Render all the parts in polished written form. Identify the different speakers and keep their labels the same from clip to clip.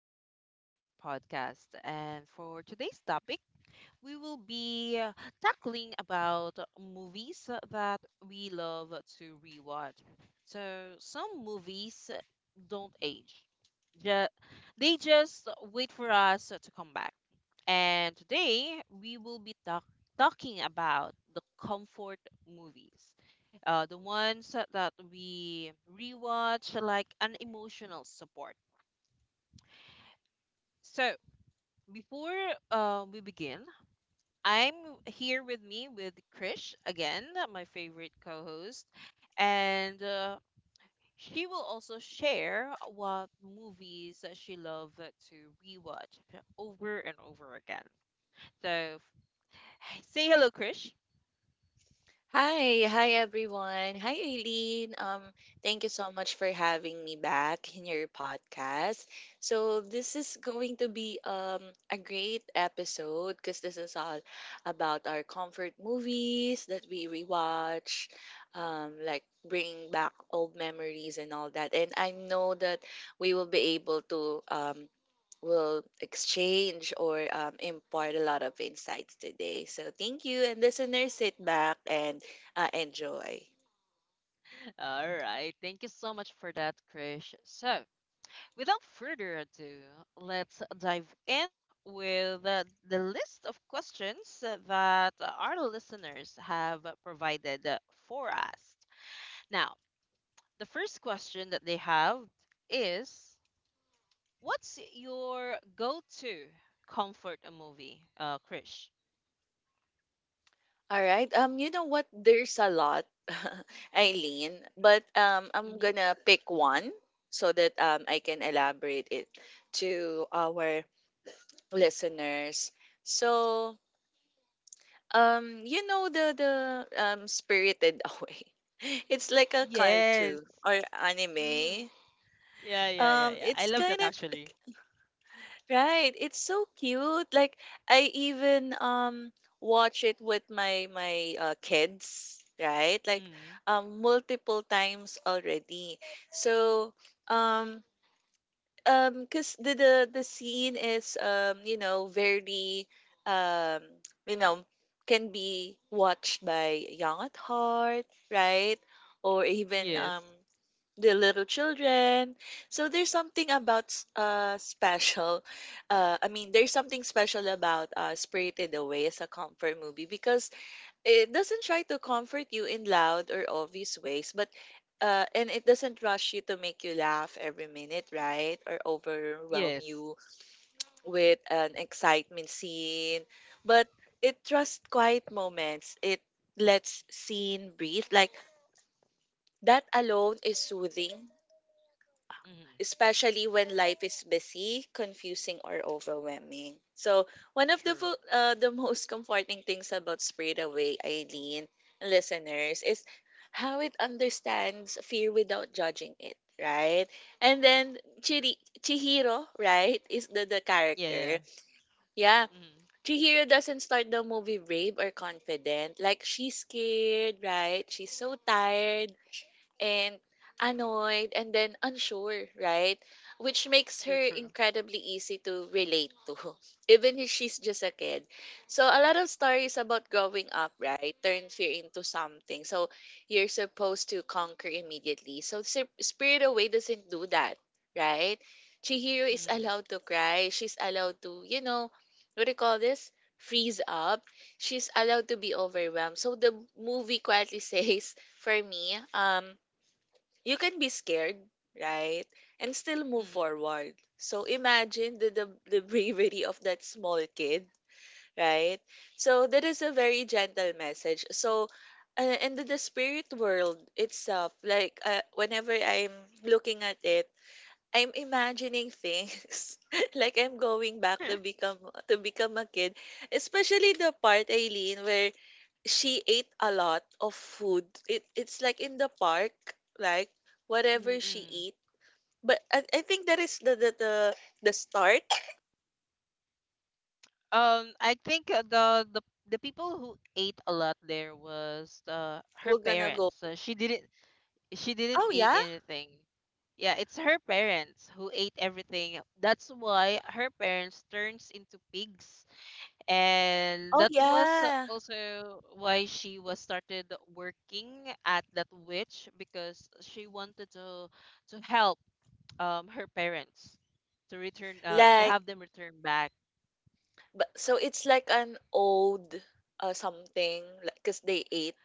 Speaker 1: back to our podcast. And for today's topic, we will be tackling about movies that we love to rewatch. So some movies don't age; Ju- they just wait for us to come back. And today we will be talking about the comfort movies, the ones that we rewatch like an emotional support. So before we begin, I'm here with me with Krish again, my favorite co-host, and she will also share what movies that she loves to rewatch over and over again. So, say hello, Krish.
Speaker 2: Hi, hi everyone. Hi Aileen. Thank you so much for having me back in your podcast. So this is going to be a great episode because this is all about our comfort movies that we rewatch, like bring back old memories and all that. And I know that we will be able to will exchange or impart a lot of insights today. So thank you, and listeners, sit back and enjoy.
Speaker 1: All right. Thank you so much for that, Krish. So, without further ado, let's dive in with the list of questions that our listeners have provided for us. Now, the first question that they have is, what's your go to comfort movie, Krish?
Speaker 2: All right. You know what? There's a lot, Eileen, but I'm
Speaker 1: hmm
Speaker 2: gonna pick one so that I can elaborate it to our listeners. So you know the Spirited Away. It's like a
Speaker 1: Yes.
Speaker 2: cartoon or
Speaker 1: hmm
Speaker 2: anime.
Speaker 1: Yeah, yeah, yeah, yeah, I
Speaker 2: It's
Speaker 1: love
Speaker 2: kind
Speaker 1: that actually.
Speaker 2: of Right. It's so cute. Like I even watch it with my kids, right? Like
Speaker 1: hmm
Speaker 2: multiple times already. So um cuz the scene is very um you know can be watched by young at heart, right? Or even
Speaker 1: Yes,
Speaker 2: the little children. So there's something about s- There's something special about Spirited Away as a comfort movie because it doesn't try to comfort you in loud or obvious ways, but and it doesn't rush you to make you laugh every minute, right? Or overwhelm
Speaker 1: yes.
Speaker 2: you with an excitement scene. But it trusts quiet moments. It lets scene breathe. Like that alone is soothing,
Speaker 1: hmm
Speaker 2: especially when life is busy, confusing, or overwhelming. So, one of the
Speaker 1: True.
Speaker 2: fo- uh, the most comforting things about Sprayed Away, Eileen, listeners, is how it understands fear without judging it, right? And then Chihiro, right, is the
Speaker 1: Yeah, yeah.
Speaker 2: character. Yeah,
Speaker 1: hmm
Speaker 2: Chihiro doesn't start the movie brave or confident. Like, she's scared, right? She's so tired and annoyed, and then unsure, right? Which makes
Speaker 1: True,
Speaker 2: her
Speaker 1: true.
Speaker 2: incredibly easy to relate to, even if she's just a kid. So a lot of stories about growing up, right, turn fear into something. So you're supposed to conquer immediately. So Spirit Away doesn't do that, right? Chihiro is allowed to cry. She's allowed to, you know, what do you call this? Freeze up. She's allowed to be overwhelmed. So the movie quietly says, for me, you can be scared, right? And still move
Speaker 1: Mm.
Speaker 2: forward. So imagine the, the bravery of that small kid, right? So that is a very gentle message. So in the spirit world itself, like whenever I'm looking at it, I'm imagining things like I'm going back to become a kid, especially the part, Eileen, where she ate a lot of food. It It's like in the park, like whatever she
Speaker 1: Mm-mm.
Speaker 2: eat. But I think that is the, the start.
Speaker 1: I think the people who ate a lot there was her
Speaker 2: We're gonna go.
Speaker 1: parents. She didn't, she didn't
Speaker 2: Oh
Speaker 1: eat
Speaker 2: yeah,
Speaker 1: anything. Yeah, it's her parents who ate everything. That's why her parents turns into pigs, and
Speaker 2: oh
Speaker 1: that was
Speaker 2: yeah.
Speaker 1: also why she was started working at that witch because she wanted to help her parents to return to
Speaker 2: Like
Speaker 1: have them return back.
Speaker 2: but so it's like an old something like, cause they ate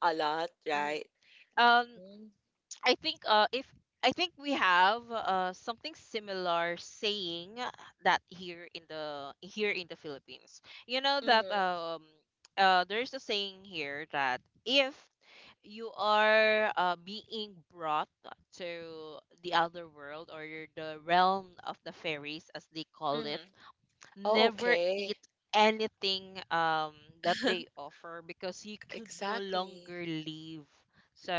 Speaker 2: a lot, right?
Speaker 1: um
Speaker 2: Mm-hmm.
Speaker 1: I think if I think we have something similar saying that here in the, here in the Philippines. You know that, there's a saying here that if you are being brought to the other world or the realm of the fairies, as they call it,
Speaker 2: Mm-hmm. Oh
Speaker 1: never eat
Speaker 2: okay,
Speaker 1: anything that they offer because you could no
Speaker 2: exactly.
Speaker 1: longer leave. So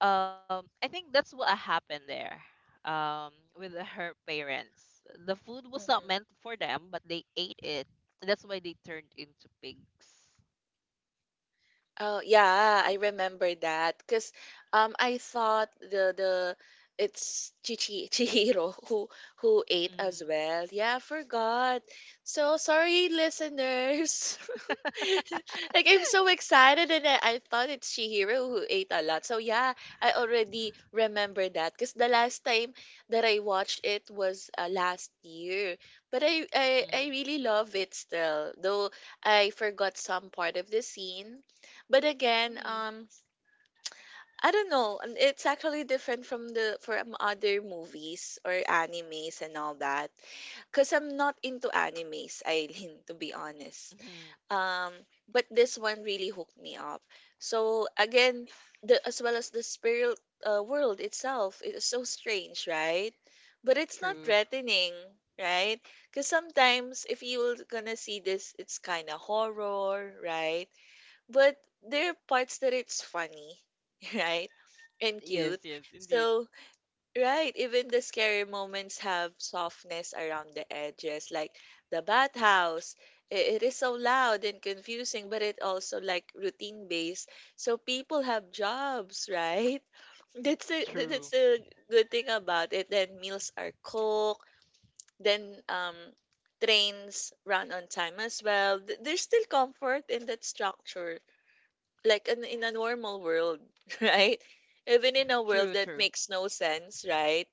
Speaker 1: I think that's what happened there, um with her parents. The food was not meant
Speaker 2: Mm-hmm.
Speaker 1: for them, but they ate it. That's why they turned into pigs.
Speaker 2: Oh yeah, I remember that because I thought the it's Chichi Chihiro who ate
Speaker 1: Mm,
Speaker 2: as well. Yeah, I forgot. So sorry, listeners. Like I'm so excited and I thought it's Chihiro who ate a lot. So yeah, I already remember that because the last time that I watched it was last year. But I
Speaker 1: mm,
Speaker 2: really love it still, though I forgot some part of the scene. But again,
Speaker 1: mm,
Speaker 2: I don't know. And it's actually different from the from other movies or animes and all that. Cause I'm not into animes, Eileen, to be honest.
Speaker 1: mm,
Speaker 2: Um, but this one really hooked me up. So again, the as well as the spirit world itself, it is so strange, right? But it's not
Speaker 1: true.
Speaker 2: threatening, right? Because sometimes if you're gonna see this, it's kind of horror, right? But there are parts that it's funny, right? And
Speaker 1: Yes,
Speaker 2: cute.
Speaker 1: yes, indeed.
Speaker 2: So, right, even the scary moments have softness around the edges, like the bathhouse. It is so loud and confusing, but it also like routine based. So people have jobs, right? That's the tha- that's
Speaker 1: True.
Speaker 2: the good thing about it. Then meals are cooked. Then trains run on time as well. There's still comfort in that structure, like in a normal world, right? Even in a world
Speaker 1: True,
Speaker 2: that
Speaker 1: true.
Speaker 2: makes no sense, right?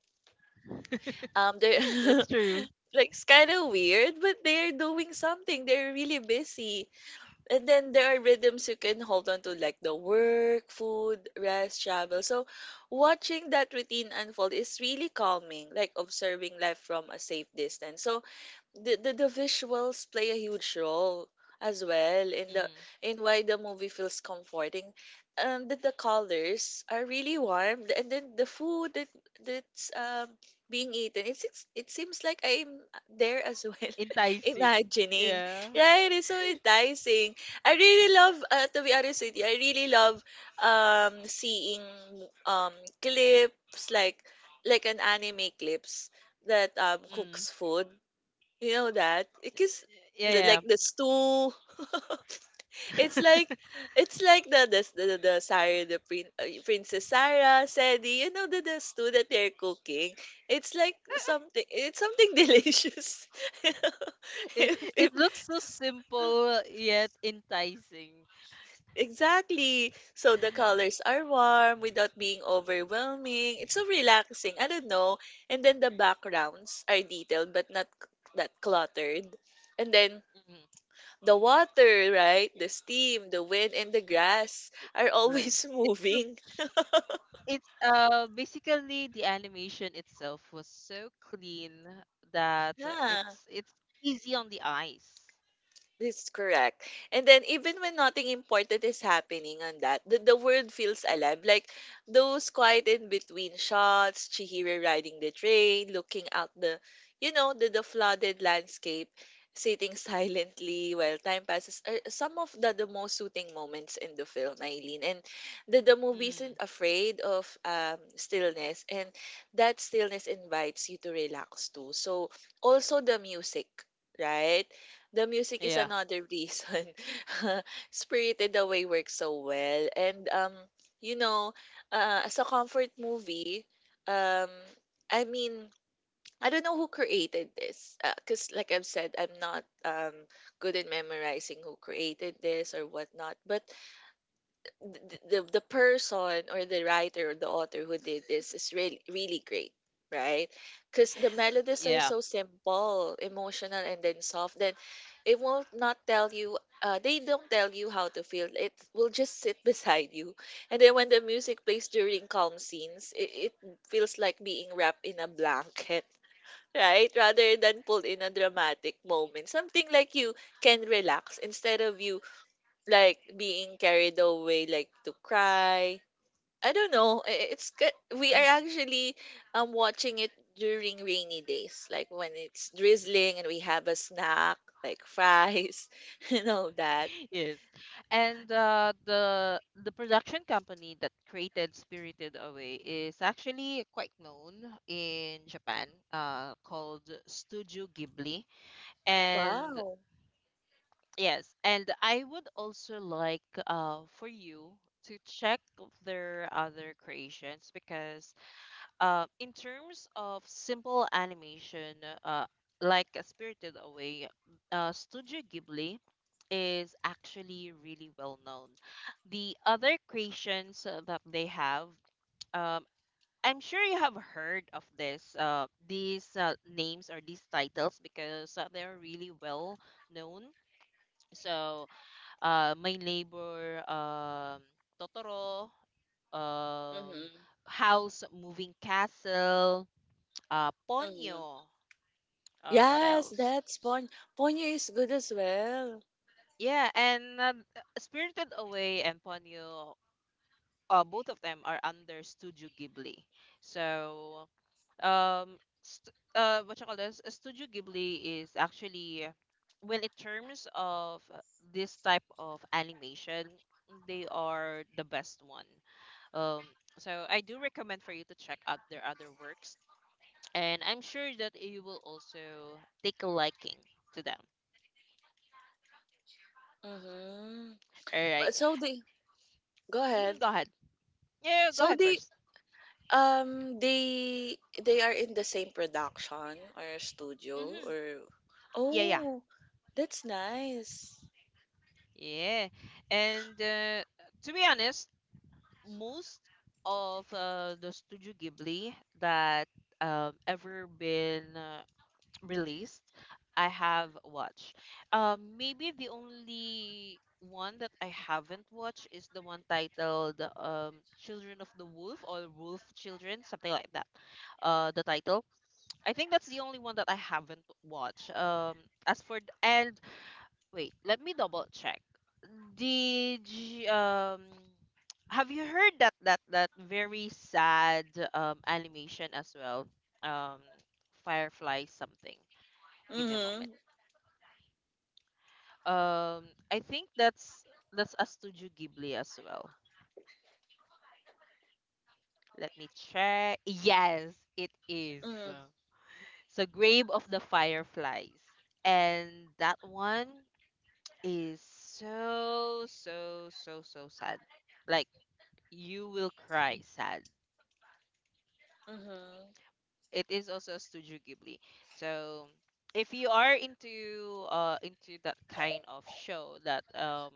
Speaker 2: They're
Speaker 1: That's true.
Speaker 2: like it's kind of weird, but they're doing something. They're really busy, and then there are rhythms you can hold on to, like the work, food, rest, travel. So, watching that routine unfold is really calming, like observing life from a safe distance. So, the, the visuals play a huge role as well in the
Speaker 1: Mm.
Speaker 2: in why the movie feels comforting. That the colors are really warm, and then the food that that's being eaten. It's, it seems like I'm there as well,
Speaker 1: Enticing.
Speaker 2: imagining.
Speaker 1: Yeah.
Speaker 2: Right, it's so enticing. I really love. To be honest with you, I really love seeing um clips like an anime clips that
Speaker 1: Mm.
Speaker 2: cooks food, you know that? Because
Speaker 1: Yeah,
Speaker 2: like the stew, it's
Speaker 1: yeah.
Speaker 2: like it's like the Sarah the prin, Princess Sarah Sedi, you know the stew that they're cooking. It's like something, it's something delicious.
Speaker 1: It,
Speaker 2: If,
Speaker 1: it looks so simple yet enticing.
Speaker 2: exactly. So the colors are warm without being overwhelming. It's so relaxing. I don't know. And then the backgrounds are detailed but not that cluttered. And then
Speaker 1: Mm,
Speaker 2: the water, right? The steam, the wind, and the grass are
Speaker 1: well,
Speaker 2: always
Speaker 1: It's so-
Speaker 2: moving.
Speaker 1: it's basically the animation itself was so clean that
Speaker 2: Yeah.
Speaker 1: it's easy on the eyes.
Speaker 2: That's correct. And then even when nothing important is happening on that, the world feels alive. Like those quiet in between shots, Chihiro riding the train, looking out the, you know, the flooded landscape, sitting silently while time passes are some of the most soothing moments in the film, Eileen. And the movie
Speaker 1: Mm,
Speaker 2: isn't afraid of stillness, and that stillness invites you to relax too. So also the music, right? The music is
Speaker 1: yeah,
Speaker 2: another reason Spirited Away works so well. And you know, as a comfort movie, um, I mean, I don't know who created this, because like I've said, I'm not good in memorizing who created this or whatnot. But the, the person or the writer or the author who did this is really really great, right? Because the melodies are
Speaker 1: yeah.
Speaker 2: so simple, emotional, and then soft. Then it will not tell you, they don't tell you how to feel. It will just sit beside you, and then when the music plays during calm scenes, it feels like being wrapped in a blanket, right, rather than pulled in a dramatic moment. Something like you can relax, instead of you like being carried away like to cry. I don't know. It's good. We
Speaker 1: mhm,
Speaker 2: are actually watching it during rainy days, like when it's drizzling and we have a snack like fries and all that.
Speaker 1: yes. And the production company that created Spirited Away is actually quite known in Japan, called Studio Ghibli. And
Speaker 2: Wow.
Speaker 1: yes, and I would also like for you to check of their other creations because in terms of simple animation, uh like Spirited Away, Studio Ghibli is actually really well known. The other creations that they have, um I'm sure you have heard of this these names or these titles because they're really well known. So My Neighbor Totoro, um,
Speaker 2: Mm-hmm.
Speaker 1: House Moving Castle,
Speaker 2: Mm-hmm.
Speaker 1: Ponyo, what
Speaker 2: yes
Speaker 1: else?
Speaker 2: that's pon Ponyo is good as well.
Speaker 1: Yeah, and Spirited Away and Ponyo, both of them are under Studio Ghibli. So, what you call this? Studio Ghibli is actually, well, in terms of this type of animation, they are the best one. Um, so I do recommend for you to check out their other works, and I'm sure that you will also take a liking to them.
Speaker 2: Mm-hmm.
Speaker 1: All right.
Speaker 2: but so they go
Speaker 1: Mm-hmm,
Speaker 2: ahead
Speaker 1: go ahead. Yeah, go
Speaker 2: so
Speaker 1: ahead first.
Speaker 2: Um, they they are in the same production or studio,
Speaker 1: Mm-hmm.
Speaker 2: or
Speaker 1: Yeah, yeah,
Speaker 2: oh, that's nice.
Speaker 1: yeah. And to be honest, most of the Studio Ghibli that ever been released I have watched. Maybe the only one that I haven't watched is the one titled Children of the Wolf or Wolf Children, something like that. The title. I think that's the only one that I haven't watched. As for th- and wait, let me double check. Did you, um have you heard that that very sad animation as well? Um, Firefly something. Give me a moment.
Speaker 2: Mhm.
Speaker 1: Um, I think that's a Studio Ghibli as well. Let me check. Yes, it is.
Speaker 2: Mhm.
Speaker 1: So, Grave of the Fireflies. And that one is so so so so sad. Like, you will cry sad.
Speaker 2: Mhm.
Speaker 1: It is also a Studio Ghibli. So if you are into that kind of show that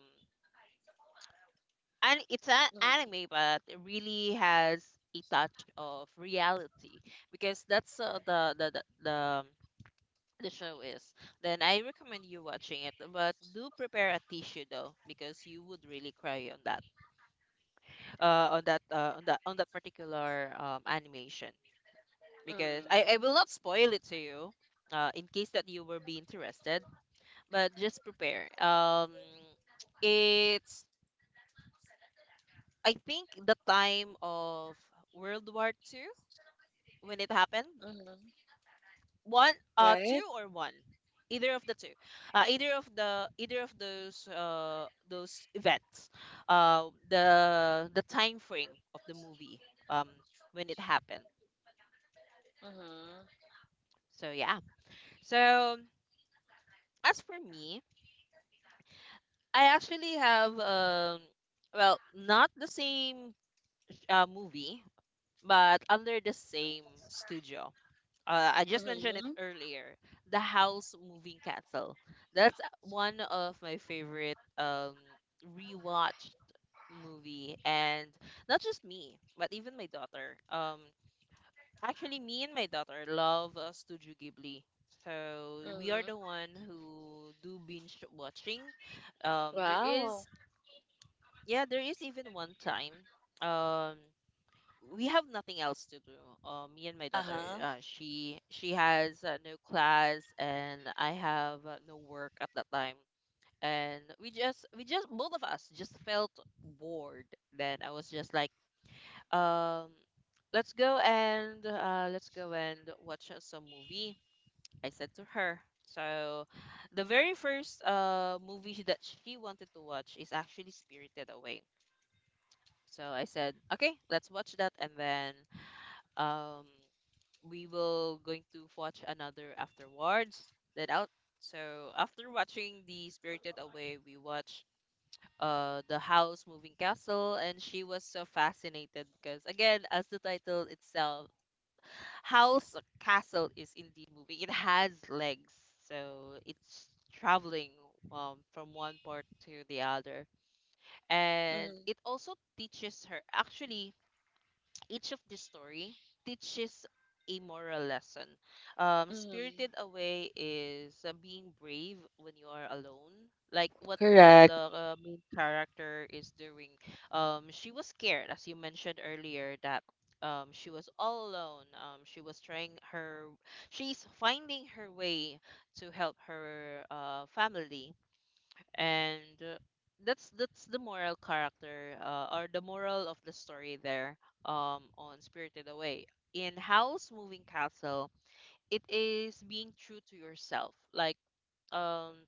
Speaker 1: and it's an
Speaker 2: Mhm.
Speaker 1: anime but it really has a touch of reality because that's the show is, then I recommend you watching it, but do prepare a tissue though because you would really cry on that on that particular animation because
Speaker 2: Mhm.
Speaker 1: I will not spoil it to you in case that you will be interested. But just prepare, it's, I think the time of World War II, when it happened,
Speaker 2: Mhm.
Speaker 1: one two
Speaker 2: Right?
Speaker 1: or one, either of the two, either of those events, uh the time frame of the movie, um when it happened.
Speaker 2: Mhm.
Speaker 1: So yeah. So as for me, I actually have, well not the same movie but under the same studio, I just mentioned it
Speaker 2: Mhm.
Speaker 1: earlier, the House Moving Castle. That's one of my favorite rewatched movie, and not just me, but even my daughter. Actually, me and my daughter love Studio Ghibli. So we are
Speaker 2: Mhm.
Speaker 1: the one who do binge watching. There
Speaker 2: Wow.
Speaker 1: is yeah, there is even one time. Um, we have nothing else to do. Me and my daughter,
Speaker 2: Uh-huh.
Speaker 1: she has no class and I have no work at that time. And we just, both of us, just felt bored. Then I was just like, um, let's go and watch some movie, I said to her. So the very first movie that she wanted to watch is actually Spirited Away. So I said, okay, let's watch that and then um we will going to watch another afterwards. Then out. So after watching the Spirited Away, we watched the House Moving Castle, and she was so fascinated because again, as the title itself, house castle is in the movie. It has legs, so it's traveling from one part to the other, and
Speaker 2: Mhm.
Speaker 1: it also teaches her actually, each of this story teaches a moral lesson.
Speaker 2: Mhm.
Speaker 1: Spirited Away is being brave when you are alone. Like what
Speaker 2: Correct.
Speaker 1: the main character is doing. She was scared, as you mentioned earlier, that she was all alone. She was trying her. She's finding her way to help her family and that's the moral character or the moral of the story there on Spirited Away. In Howl's Moving Castle, it is being true to yourself. Like um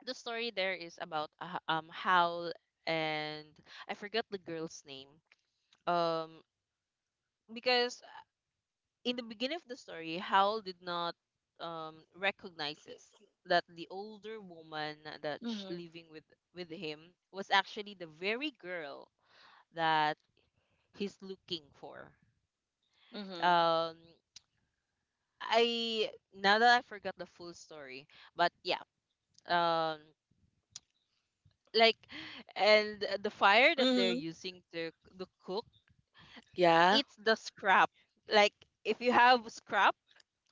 Speaker 1: the story there is about Howl, and I forgot the girl's name. Um because in the beginning of the story, Hal did not recognizes that the older woman that's
Speaker 2: Mhm.
Speaker 1: living with him was actually the very girl that he's looking for.
Speaker 2: Mhm.
Speaker 1: Um, I now that I forgot the full story, but yeah, um, like, and the fire that they're
Speaker 2: Mhm.
Speaker 1: using to cook,
Speaker 2: Yeah.
Speaker 1: it's the scrap. Like, if you have scrap,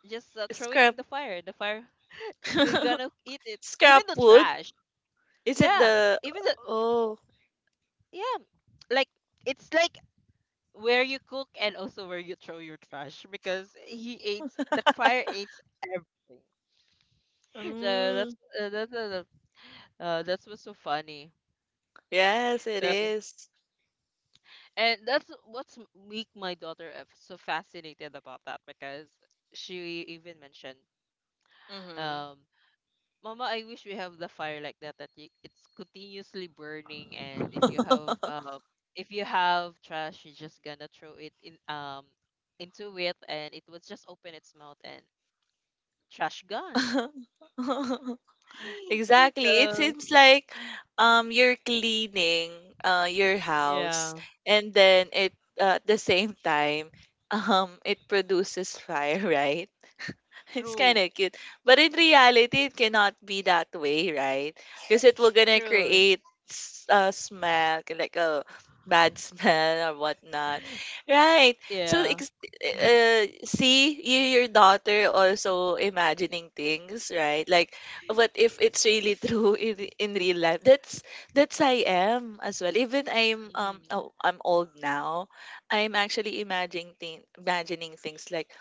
Speaker 1: just throw it in
Speaker 2: Scrap.
Speaker 1: the fire. The fire, they're gonna eat it, even
Speaker 2: Scrap
Speaker 1: the
Speaker 2: wood.
Speaker 1: trash.
Speaker 2: Is it
Speaker 1: Yeah,
Speaker 2: the
Speaker 1: even the,
Speaker 2: Oh.
Speaker 1: yeah, like it's like where you cook and also where you throw your trash because he eats, the fire eats everything. So that's
Speaker 2: Mm.
Speaker 1: uh, that's uh, that's what's so funny.
Speaker 2: Yes, it
Speaker 1: So-
Speaker 2: is.
Speaker 1: and that's what's make my daughter so fascinated about that, because she even mentioned,
Speaker 2: Mm-hmm.
Speaker 1: um Mama, I wish we have the fire like that that you, it's continuously burning, and if you have trash, you're just gonna throw it in, into it, and it would just open its mouth and trash gone.
Speaker 2: Exactly. It
Speaker 1: So
Speaker 2: seems like you're cleaning your house,
Speaker 1: yeah.
Speaker 2: and then it, at the same time it produces fire, right? It's kind
Speaker 1: True.
Speaker 2: of cute. But in reality, it cannot be that way, right? Because it will gonna
Speaker 1: True.
Speaker 2: create a smell, like a bad smell or whatnot. Right. So,
Speaker 1: Yeah.
Speaker 2: see, you, your daughter also imagining things, right? Like, what if it's really true in, in real life? That's I am as well. Even I'm,
Speaker 1: Mhm.
Speaker 2: oh, I'm old now. I'm actually imagining, imagining things like,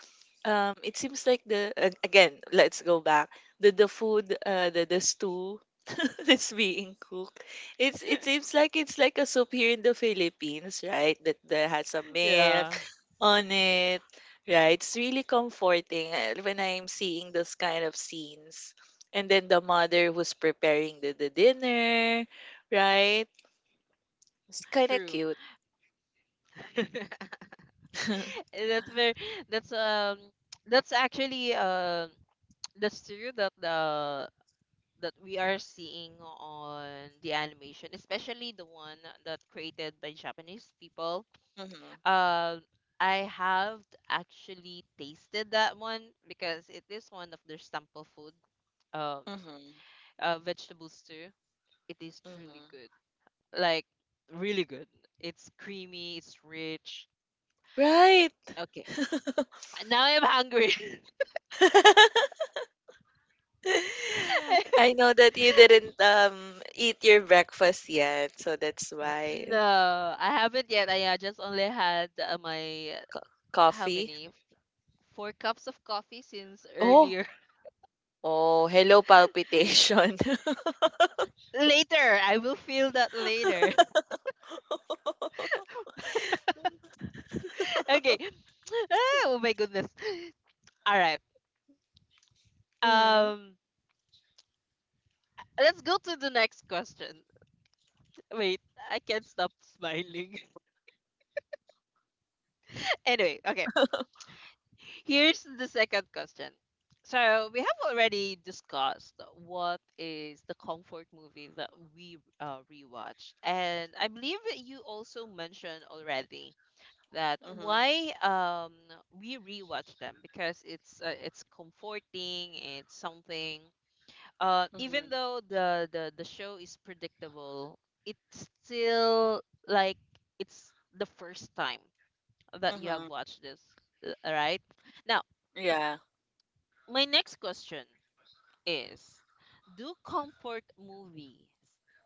Speaker 2: it seems like again, let's go back. The food, the stew that's being cooked. It's, it seems like it's like a soup here in the Philippines, right? That that has a milk
Speaker 1: Yeah.
Speaker 2: on it, right? It's really comforting when I'm seeing those kind of scenes. And then the mother who's preparing the dinner, right? It's kind of
Speaker 1: True.
Speaker 2: cute.
Speaker 1: Eh, that's very, that's that's actually that's true that the, that we are seeing on the animation, especially the one that created by Japanese people.
Speaker 2: Hmm.
Speaker 1: Um, I have actually tasted that one because it is one of their staple food, um,
Speaker 2: Hmm.
Speaker 1: vegetables too. It is truly good,
Speaker 2: Hmm.
Speaker 1: like really good. It's creamy, it's rich.
Speaker 2: Right.
Speaker 1: Okay, now I'm hungry.
Speaker 2: I know that you didn't eat your breakfast yet, so that's why.
Speaker 1: No, I haven't yet. I just only had my, how
Speaker 2: Coffee.
Speaker 1: many? 4 cups of coffee since
Speaker 2: Oh,
Speaker 1: earlier.
Speaker 2: oh, hello palpitation.
Speaker 1: Later, I will feel that later. Okay. Ah, oh my goodness. All right.
Speaker 2: Hmm.
Speaker 1: Um, let's go to the next question. Wait, I can't stop smiling. Anyway, okay. Here's the second question. So we have already discussed what is the comfort movie that we rewatched, and I believe that you also mentioned already that
Speaker 2: Mm-hmm.
Speaker 1: why we rewatch them because it's comforting. It's something, even
Speaker 2: Mm-hmm.
Speaker 1: though the show is predictable, it's still like it's the first time that you have
Speaker 2: Mm-hmm.
Speaker 1: watched this, right now.
Speaker 2: Yeah.
Speaker 1: My next question is, do comfort movies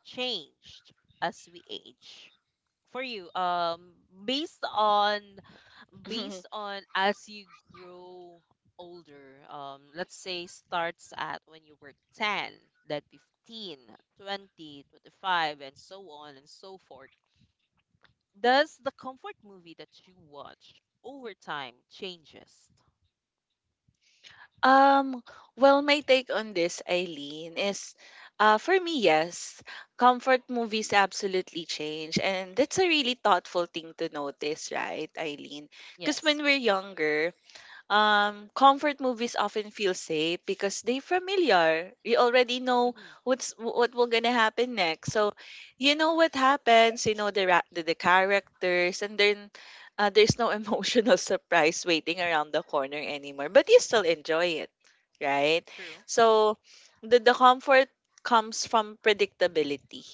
Speaker 1: changed as we age? For you, based on, as you grow older, let's say starts at when you were 10, then 15, 20, 25, and so on and so forth, does the comfort movie that you watch over time changes?
Speaker 2: Um, well, my take on this, Eileen, is for me, yes, comfort movies absolutely change. And that's a really thoughtful thing to notice, right, Eileen? Because
Speaker 1: Yes.
Speaker 2: when we're younger, comfort movies often feel safe because they familiar. You already know
Speaker 1: Hmm.
Speaker 2: what's what will gonna happen next. So you know what happens. You know the characters, and then there's no emotional surprise waiting around the corner anymore. But you still enjoy it, right?
Speaker 1: True.
Speaker 2: So the comfort comes from predictability.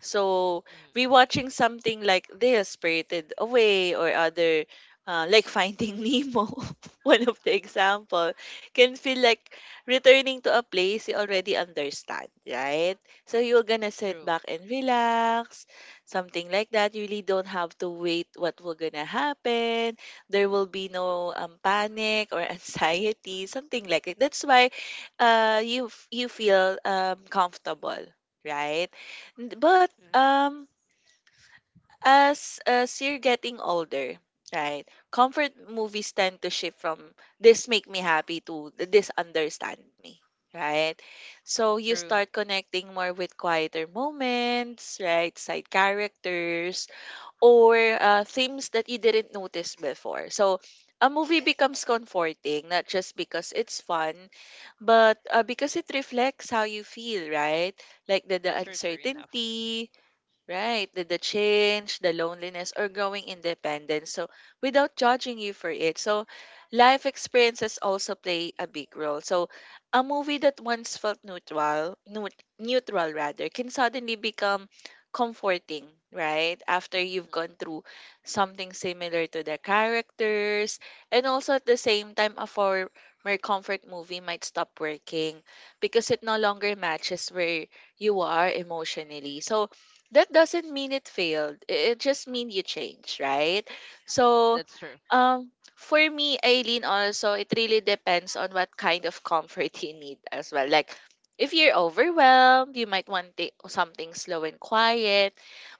Speaker 2: So
Speaker 1: Hmm.
Speaker 2: rewatching something like this, Spirited Away, or other like Finding Nemo one of the example can feel like returning to a place you already understand, right? So you're gonna sit
Speaker 1: True.
Speaker 2: back and relax, something like that. You really don't have to wait what will gonna happen. There will be no panic or anxiety, something like it. That's why you feel comfortable, right? N- But
Speaker 1: Hmm.
Speaker 2: um as you're getting older, right? Comfort movies tend to shift from this make me happy to this understand me, right? So you
Speaker 1: True.
Speaker 2: start connecting more with quieter moments, right? Side characters or themes that you didn't notice before. So a movie becomes comforting not just because it's fun, but because it reflects how you feel, right? Like the
Speaker 1: True. True enough.
Speaker 2: uncertainty, right, the change, the loneliness, or growing independence. So, without judging you for it. So, life experiences also play a big role. So, a movie that once felt neutral, neutral rather, can suddenly become comforting, right? After you've gone
Speaker 1: Hmm.
Speaker 2: through something similar to the characters. And also at the same time, a former comfort movie might stop working because it no longer matches where you are emotionally. So, that doesn't mean it failed. It just mean you change, right? So,
Speaker 1: That's true.
Speaker 2: for me, Eileen, also it really depends on what kind of comfort you need as well. Like, if you're overwhelmed, you might want something slow and quiet.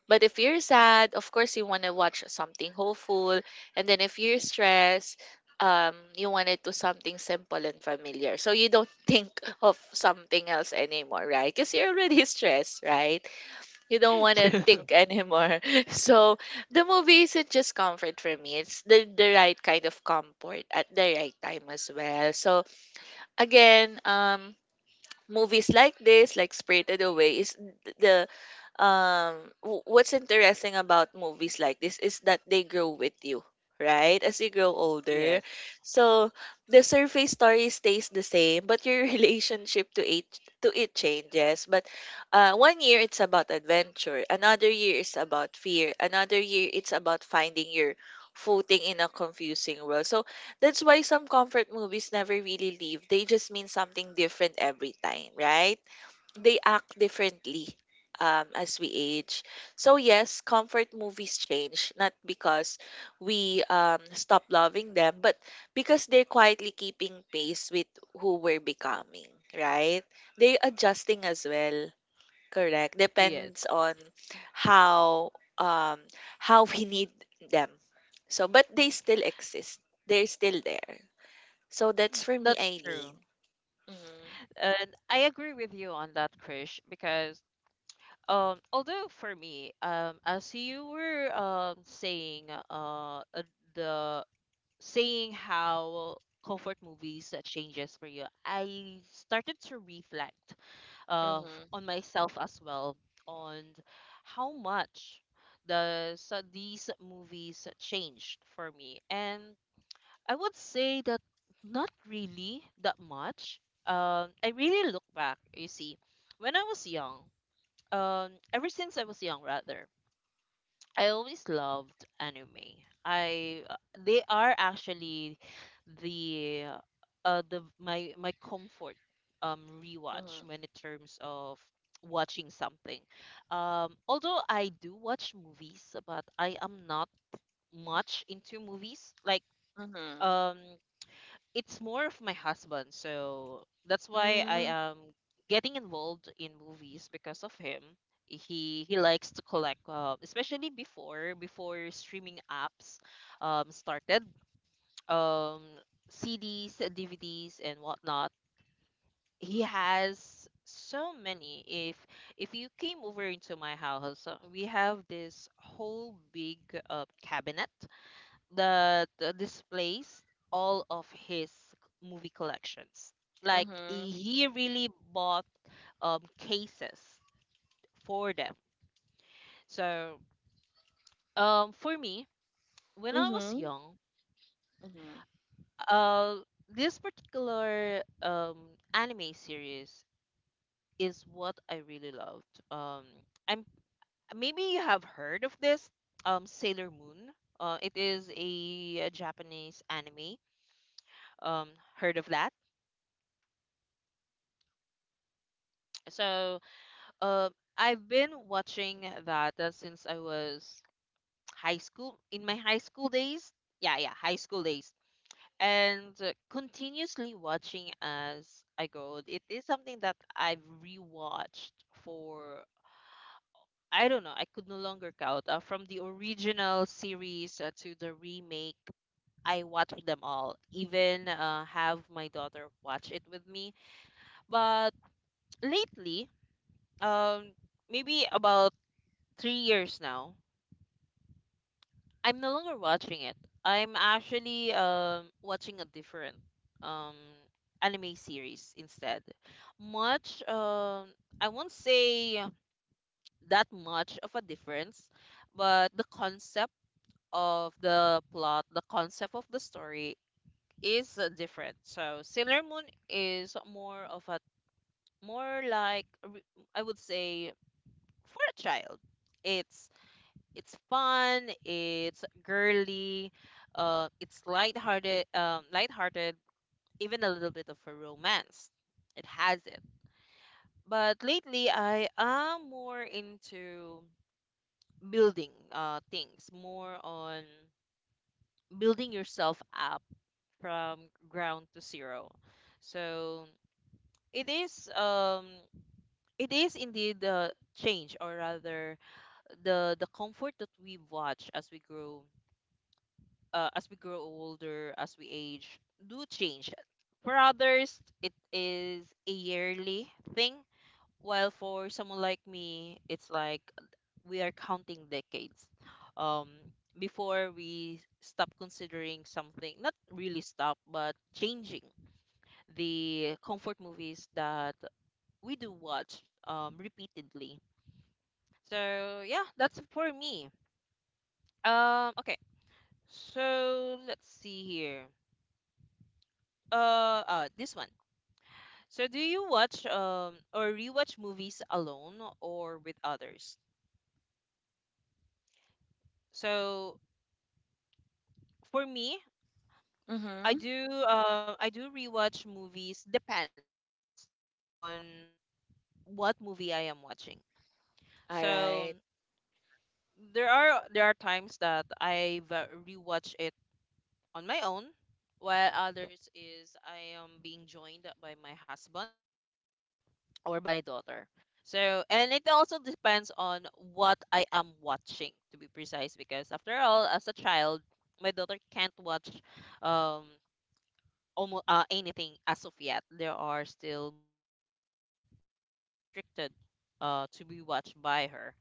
Speaker 2: But if you're sad, of course you want to watch something hopeful. And then if you're stressed, you want to do something simple and familiar. So you don't think of something else anymore, right? Because you're already stressed, right? You don't want to
Speaker 1: True.
Speaker 2: think anymore. So the movie isn't just comfort for me. It's the right kind of comfort at the right time as well. So again, movies like this, like Spirited Away, is th- the um what's interesting about movies like this is that they grow with you, right? As you grow older.
Speaker 1: Yes.
Speaker 2: So the surface story stays the same, but your relationship to it changes. But one year it's about adventure, another year is about fear, another year it's about finding your footing in a confusing world. So that's why some comfort movies never really leave. They just mean something different every time, right? They act differently as we age. So, yes, comfort movies change, not because we stop loving them, but because they're quietly keeping pace with who we're becoming, right? They're adjusting as well, correct?
Speaker 1: Yes.
Speaker 2: Depends on how um, we need them. So, but they still exist. They're still there. So that's for me,
Speaker 1: That's
Speaker 2: Eileen.
Speaker 1: true.
Speaker 2: Mhm.
Speaker 1: And I agree with you on that, Krish, because although for me, as you were uh uh, the saying how comfort movies, changes for you, I started to reflect
Speaker 2: Mhm.
Speaker 1: on myself as well, on how much these movies changed for me. And I would say that not really that much. I really look back, you see. When I was young, ever since I was young rather, I always loved anime. I They are actually the the my comfort, rewatch,
Speaker 2: Mhm.
Speaker 1: when in terms of watching something. Although I do watch movies, but I am not much into movies, like,
Speaker 2: Mhm.
Speaker 1: um it's more of my husband. So that's why I
Speaker 2: Mhm.
Speaker 1: am getting involved in movies because of him. He likes to collect, especially before streaming apps started, um, CDs, DVDs, and whatnot. He has so many. If you came over into my house, we have this whole big, cabinet, the displays all of his movie collections. Like
Speaker 2: Mhm.
Speaker 1: he really bought cases for them. So, for me, when I was
Speaker 2: Mhm.
Speaker 1: young,
Speaker 2: Mhm.
Speaker 1: uh this particular anime series is what I really loved. I'm Maybe you have heard of this, Sailor Moon. It is a Japanese anime. Um, Heard of that? So, Um, I've been watching that since I was high school, in my high school days. Yeah, yeah, high school days. And continuously watching as I go. It is something that I've rewatched for, I don't know, I could no longer count. From the original series to the remake, I watched them all, even have my daughter watch it with me. But lately, um, maybe about 3 years now, I'm no longer watching it. I'm actually watching a different um anime series instead. Much, I won't say that much of a difference, but the concept of the plot, the concept of the story is different. So Sailor Moon is more of a, more like a, I would say, for a child. It's it's fun, it's girly, it's lighthearted, even a little bit of a romance. It has it. But lately, I am more into building, things, more on building yourself up from ground to zero. So it is um it is indeed the change, or rather the comfort that we watch as we grow, older, as we age, do change. For others, it is a yearly thing, while for someone like me, it's like we are counting decades. Um, before we stop considering something, not really stop, but changing the comfort movies that we do watch, repeatedly. So yeah, that's for me. Okay, so let's see here. This one. So, do you watch or rewatch movies alone or with others? So for me, I
Speaker 2: Mhm.
Speaker 1: do uh, I do rewatch movies depends on what movie I am watching.
Speaker 2: All
Speaker 1: So
Speaker 2: right.
Speaker 1: there are times that I've rewatched it on my own, while others is I am being joined by my husband or my daughter. So, and it also depends on what I am watching, to be precise, because after all, as a child, my daughter can't watch um almost anything as of yet. There are still movies that is restricted to be watched by her.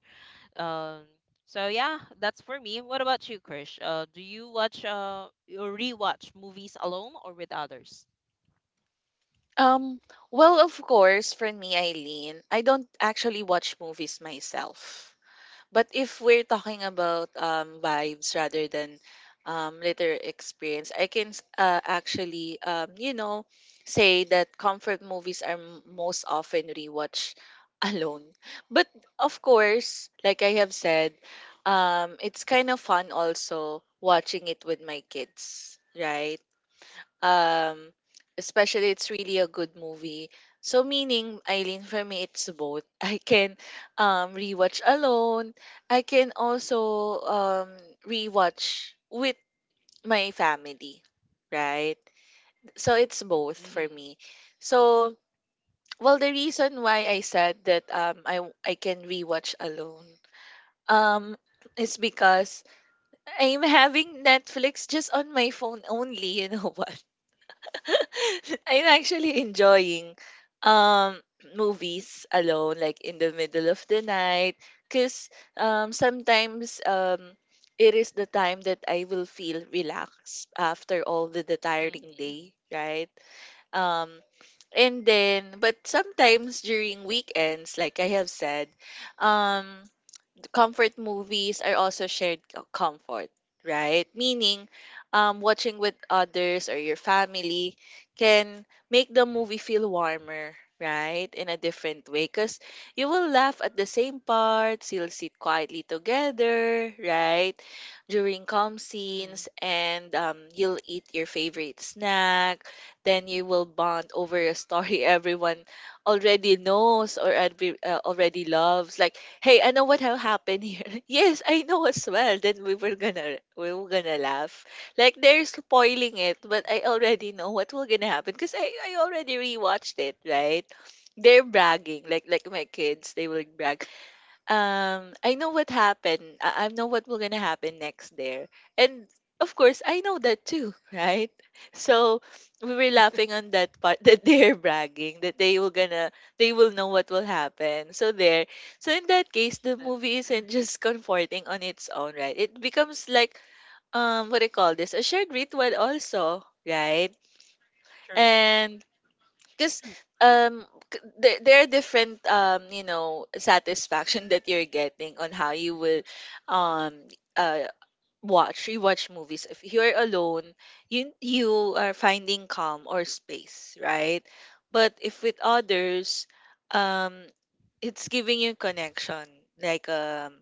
Speaker 1: Um so yeah, that's for me. What about you, Krish? Do you watch or rewatch movies alone or with others?
Speaker 2: Um, well, of course, for me, Eileen, I don't actually watch movies myself. But if we're talking about vibes rather than later experience, I can actually, you know, say that comfort movies are most often rewatched alone. But of course, like I have said, it's kind of fun also watching it with my kids, right? Um, especially it's really a good movie. So meaning, Eileen, for me it's both. I can rewatch alone. I can also rewatch with my family, right? So it's both for
Speaker 1: Mm-hmm.
Speaker 2: me. So well, the reason why I said that I can rewatch alone um is because I'm having Netflix just on my phone only. You know what? I'm actually enjoying um movies alone, like in the middle of the night, because sometimes it is the time that I will feel relaxed after all the tiring
Speaker 1: Mm-hmm.
Speaker 2: day, right? Um and then but sometimes during weekends, like I have said, um comfort movies are also shared comfort, right? Meaning, watching with others or your family can make the movie feel warmer, right? In a different way. Because you will laugh at the same parts, you'll sit quietly together, right? During calm
Speaker 1: Mm-hmm.
Speaker 2: scenes, and you'll eat your favorite snack. Then you will bond over
Speaker 1: True.
Speaker 2: a story everyone already knows or every, already loves. Like, hey, I know what will happen here. Yes, I know as well. Then we were gonna laugh. Like they're spoiling it, but I already know what will gonna happen because I already rewatched it. Right? They're bragging like
Speaker 1: Yeah.
Speaker 2: my kids. They will brag I know what happened. I know what will gonna happen next there. And of course I know that too, right? So we were laughing on that part that they're bragging that they will know what will happen. So there. So in that case the movie isn't just comforting on its own, right? It becomes like what do you call this? A shared ritual also, right?
Speaker 1: True.
Speaker 2: And because
Speaker 1: True. Excuse me.
Speaker 2: um there are different you know satisfaction that you're getting on how you will um uh watch rewatch movies if you're alone you are finding calm or space, right? But if with
Speaker 1: True.
Speaker 2: others, um it's giving you connection like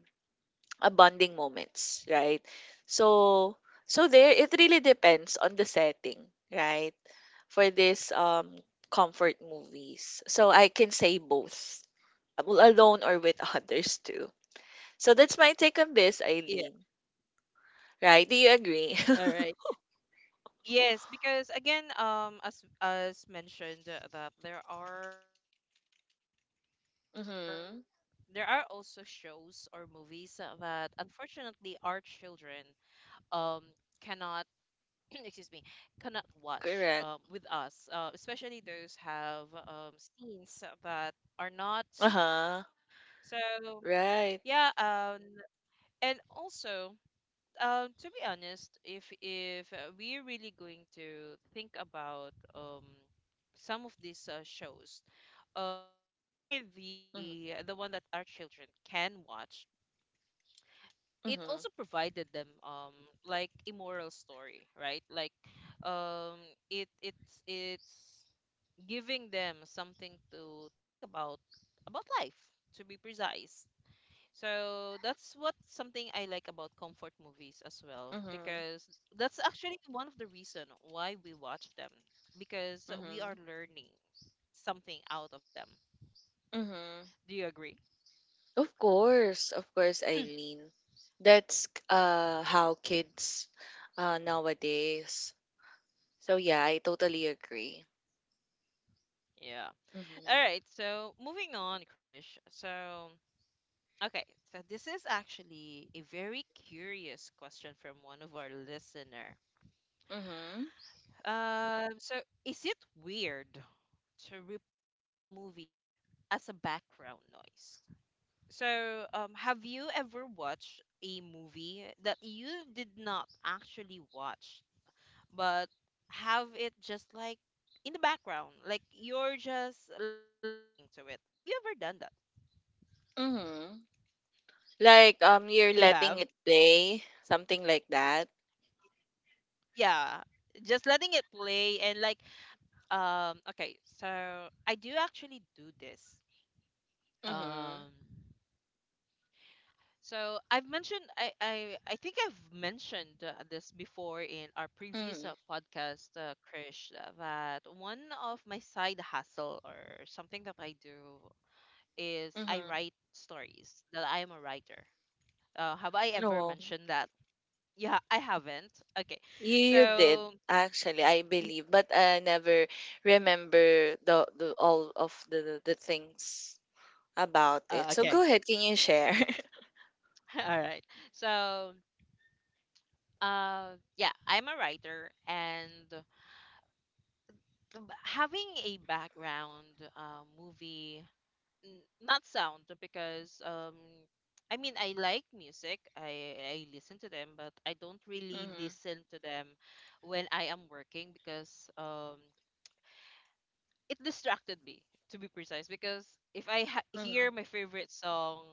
Speaker 2: a bonding moments, right? So so there it really depends on the setting, right? For this comfort movies. So I can say both, alone or with others too. So that's my take on this,
Speaker 1: Yeah.
Speaker 2: Eileen. Right? Do you agree?
Speaker 1: All right. Yes, because again, as mentioned, that there are also shows or
Speaker 2: Mm-hmm.
Speaker 1: movies that unfortunately our children um cannot excuse me, cannot watch with us, especially those
Speaker 2: Correct.
Speaker 1: have scenes that are not suitable for them
Speaker 2: Uh
Speaker 1: as of yet.
Speaker 2: huh.
Speaker 1: So
Speaker 2: Right.
Speaker 1: yeah, and also. To be honest, if we're really going to think about some of these shows, especially
Speaker 2: Mm-hmm.
Speaker 1: the one that our children can watch, it
Speaker 2: Mm-hmm.
Speaker 1: also provided them like a moral story, right? Like, um, it's giving them something to think about life, to be precise. So that's what something I like about comfort movies as well,
Speaker 2: Mm-hmm.
Speaker 1: because that's actually one of the reason why we watch them, because we are
Speaker 2: Mm-hmm.
Speaker 1: learning something out of them.
Speaker 2: Mm-hmm.
Speaker 1: Do you agree?
Speaker 2: Of course, Eileen. That's how kids nowadays. So yeah, I totally agree.
Speaker 1: Yeah. All
Speaker 2: Mm-hmm.
Speaker 1: right. So moving on, Krish. So okay. So this is actually a very curious question from one of our listener.
Speaker 2: Mm-hmm.
Speaker 1: So is it weird to replay a movie as a background noise? So, have you ever watched a movie that you did not actually watch, but have it just like in the background, like you're just listening to it? Have you ever done that?
Speaker 2: Mm-hmm. Like, you're
Speaker 1: You
Speaker 2: letting
Speaker 1: have?
Speaker 2: it play, something like that?
Speaker 1: Yeah. Just letting it play and like, okay, so I do actually do this.
Speaker 2: Mm-hmm.
Speaker 1: Um, So I've mentioned, I think I've mentioned this before in our previous
Speaker 2: Mm-hmm.
Speaker 1: podcast, Krish, that one of my side hustle or something that I do is I
Speaker 2: Mm-hmm.
Speaker 1: write stories. That I am a writer. Have I ever
Speaker 2: No,
Speaker 1: mentioned that? Yeah, I haven't. Okay,
Speaker 2: you did
Speaker 1: so
Speaker 2: actually, I believe,
Speaker 1: Y-
Speaker 2: but I never remember the all of the things about it. So
Speaker 1: okay,
Speaker 2: go ahead, can you share?
Speaker 1: all right. So, yeah, I'm a writer and. Having a background movie, not sound, because I mean I like music. I listen to them, but I don't really
Speaker 2: Mm-hmm.
Speaker 1: listen to them when I am working, because it distracted me, to be precise, because if I
Speaker 2: Mm-hmm.
Speaker 1: hear my favorite song,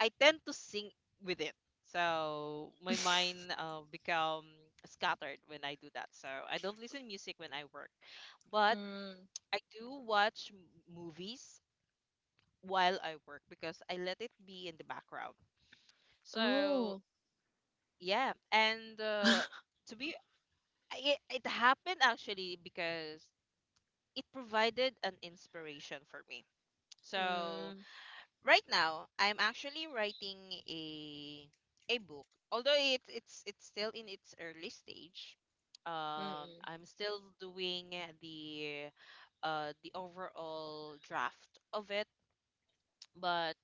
Speaker 1: I tend to sing with it. So my mind become scattered when I do that. So I don't listen music when I work, but
Speaker 2: Mm.
Speaker 1: I do watch movies while I work because I let it be in the background. So
Speaker 2: Oh.
Speaker 1: yeah, and to be it happened actually because it provided an inspiration for me. So
Speaker 2: Mm.
Speaker 1: right now I'm actually writing a a book. Although it's still in its early stage.
Speaker 2: Mm-mm.
Speaker 1: I'm still doing the the overall draft of it, but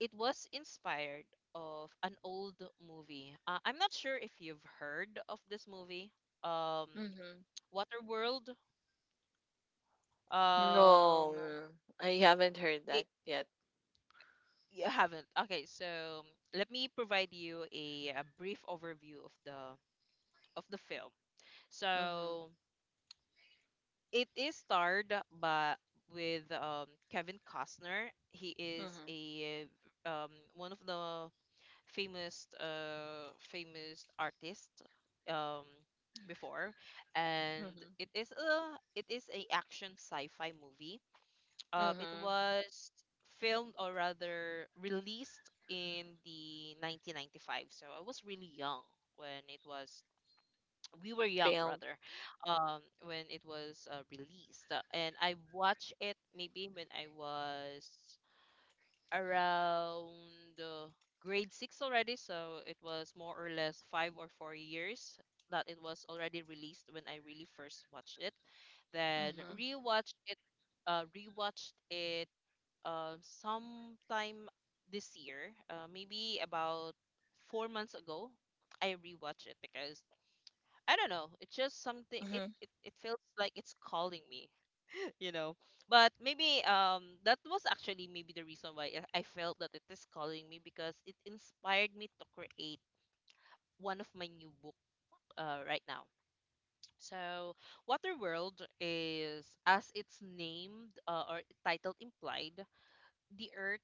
Speaker 1: it was inspired of an old movie. I'm not sure if you've heard of this movie. Um,
Speaker 2: Mm-hmm.
Speaker 1: Waterworld. Um,
Speaker 2: No, I haven't heard that
Speaker 1: it,
Speaker 2: yet.
Speaker 1: you haven't. Okay, so let me provide you a brief overview of the, film.
Speaker 2: Mm-hmm.
Speaker 1: So it is starred by, with Kevin Costner. He is
Speaker 2: Mm-hmm.
Speaker 1: a one of the famous, famous artist um before. And
Speaker 2: Mm-hmm.
Speaker 1: it is a action sci-fi movie. It
Speaker 2: Mm-hmm.
Speaker 1: was filmed, or rather, released in the 1995. So I was really young when it was, we were young
Speaker 2: Film.
Speaker 1: rather, when it was released. And I watched it maybe when I was around, grade 6 already. So it was more or less 5 or 4 years that it was already released when I really first watched it. Then
Speaker 2: Mm-hmm.
Speaker 1: rewatched it, sometime this year, maybe about 4 months ago. I rewatched it because I don't know. It's just something. It feels like it's calling me, you know but maybe that was actually maybe the reason why I felt that it is calling me, because it inspired me to create one of my new book, right now. So Waterworld is, as it's named, or title implied, the earth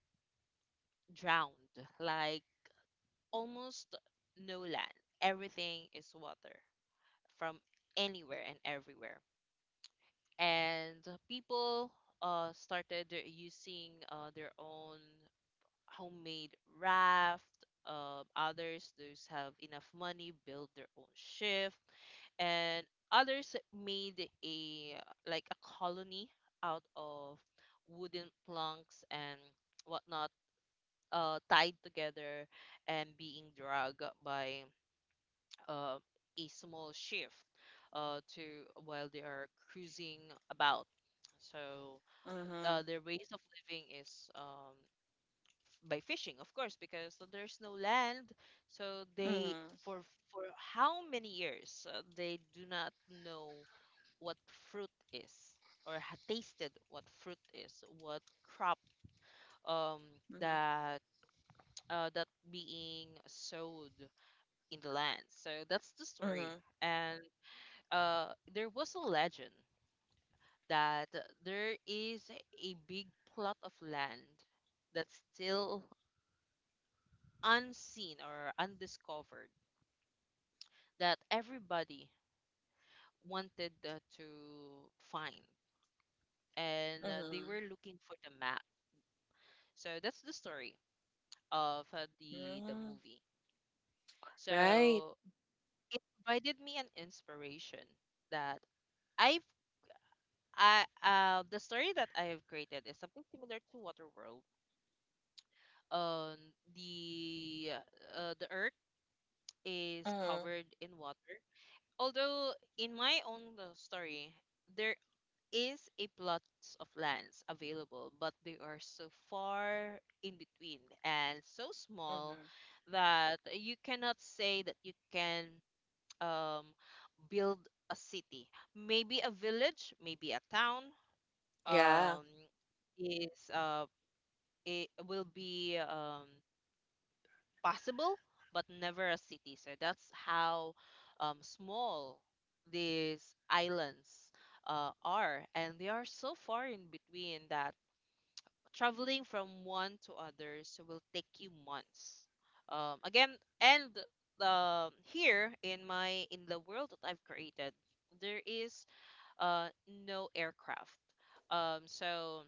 Speaker 1: drowned, like almost no land, everything is water from anywhere and everywhere. And people started using their own homemade raft. Others those have enough money build their own ship, and others made a, like a colony out of wooden planks and whatnot, tied together and being dragged by uh, a small shift, to while they are cruising about. So
Speaker 2: Mhm,
Speaker 1: their ways of living is, by fishing of course, because there's no land, so they
Speaker 2: mhm,
Speaker 1: for for how many years they do not know what fruit is, or had tasted what fruit is, what crop um
Speaker 2: mhm,
Speaker 1: that that being sowed in the land. So that's the story.
Speaker 2: mhm,
Speaker 1: And there was a legend that there is a big plot of land that's still unseen or undiscovered that everybody wanted to find. And they
Speaker 2: mhm,
Speaker 1: were looking for the map. So that's the story of, the
Speaker 2: mm,
Speaker 1: movie.
Speaker 2: right.
Speaker 1: So it provided me an inspiration that i've the story that I have created is something similar to Waterworld. Um, the the Earth is
Speaker 2: Mhm,
Speaker 1: covered in water. Although in my own story, there is a plots of lands available, but they are so far in between and so small
Speaker 2: mhm.
Speaker 1: that you cannot say that you can um, build a city. Maybe a village, maybe a town
Speaker 2: Yeah.
Speaker 1: um, is it will be Possible, but never a city. So that's how small these islands are, and they are so far in between that traveling from one to others will take you months. Again, and here in my in the world that I've created, there is no aircraft. Um, so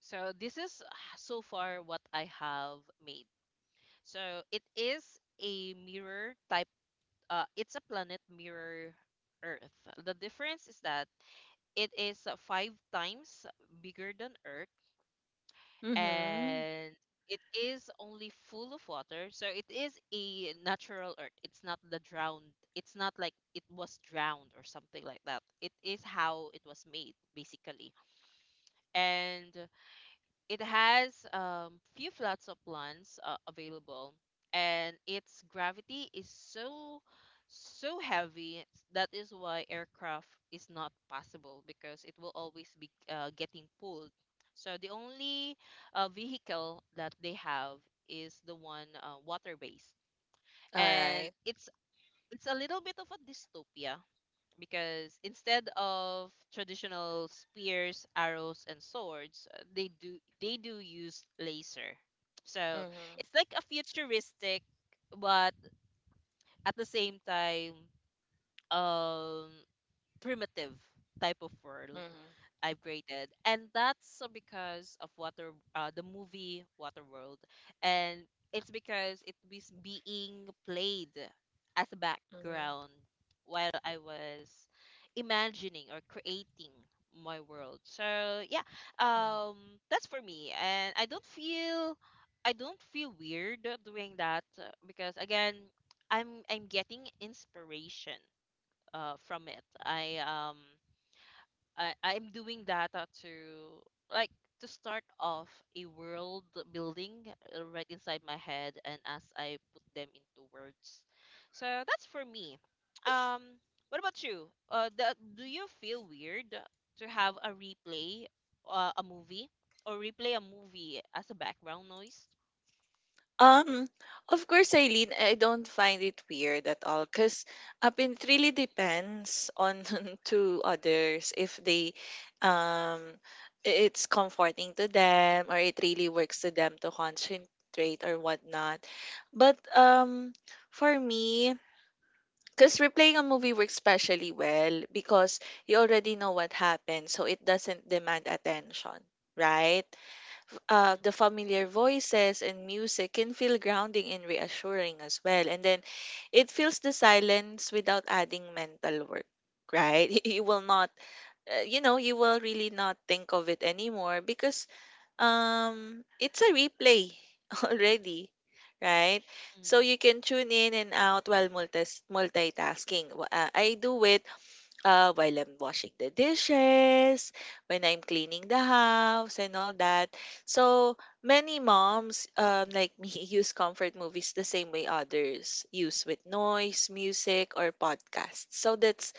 Speaker 1: so this is so far what I have made. So it is a mirror type. It's a planet mirror Earth. The difference is that it is five times bigger than Earth,
Speaker 2: Mhm.
Speaker 1: and it is only full of water. So it is a natural earth. It's not the drowned. It's not like it was drowned or something like that. It is how it was made, basically. And it has few plots of lands available, and its gravity is so heavy. That is why aircraft is not possible, because it will always be getting pulled. So the only vehicle that they have is the one water-based,
Speaker 2: All
Speaker 1: and
Speaker 2: right.
Speaker 1: it's a little bit of a dystopia because instead of traditional spears, arrows, and swords, they do use laser. So
Speaker 2: Mhm,
Speaker 1: it's like a futuristic, but at the same time, um, primitive type of world
Speaker 2: mhm,
Speaker 1: I've created, and that's because of water, the movie Waterworld, and it's because it was being played as a
Speaker 2: mhm,
Speaker 1: background while I was imagining or creating my world. So yeah,
Speaker 2: mhm.
Speaker 1: um, that's for me, and I don't feel. I don't feel weird doing that because again, I'm getting inspiration from it. I'm doing data to like to start off a world building right inside my head and as I put them into words. So that's for me. Um what about you? Do you feel weird to have a replay a movie or replay a movie as a background noise?
Speaker 2: Um, of course, Eileen, I don't find it weird at all because up it really depends on to others if they, um, I- it's comforting to them or it really works to them to concentrate or whatnot. But for me, because replaying a movie works especially well because you already know what happened, so it doesn't demand attention, right?
Speaker 1: Mm-hmm.
Speaker 2: The familiar voices and music can feel grounding and reassuring as well. And then it fills the silence without adding mental work, right? You will not, you know, you will really not think of it anymore because it's a replay already, right? So you can tune in and out while multitasking. I do it while I'm washing the dishes, when I'm cleaning the house and all that. So many moms like me use comfort movies the same way others use with noise music or podcasts. So that's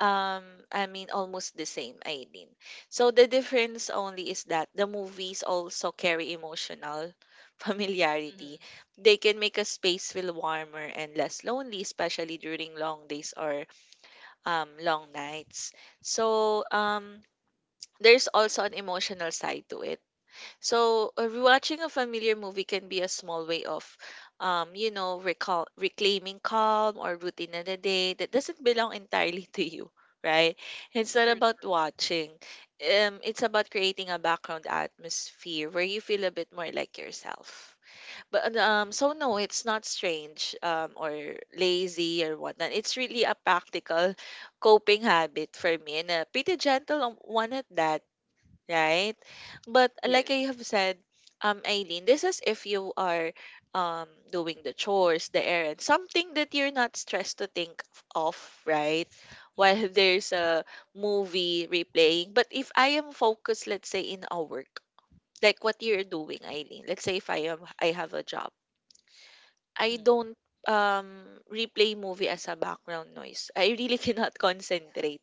Speaker 2: um, I mean, almost the same, Aileen. So the difference only is that the movies also carry emotional familiarity.
Speaker 1: Mm-hmm.
Speaker 2: They can make a space feel warmer and less lonely, especially during long days or long nights. So there's also an emotional side to it. So, rewatching a familiar movie can be a small way of, you know, recall reclaiming calm or routine in a day that doesn't belong entirely to you, right? It's not
Speaker 1: True.
Speaker 2: about watching. It's about creating a background atmosphere where you feel a bit more like yourself. But so no, it's not strange or lazy or whatnot. It's really a practical coping habit for me and a pretty gentle one at that, right? But like I
Speaker 1: Yes.
Speaker 2: have said, Eileen, this is if you are doing the chores, the errands, something that you're not stressed to think of, right? While
Speaker 1: Mm-hmm.
Speaker 2: there's a movie replaying. But if I am focused, let's say in a work, like what you're doing, Eileen. Let's say if I am I have a job, I
Speaker 1: Mm.
Speaker 2: don't replay movie as a background noise. I really cannot concentrate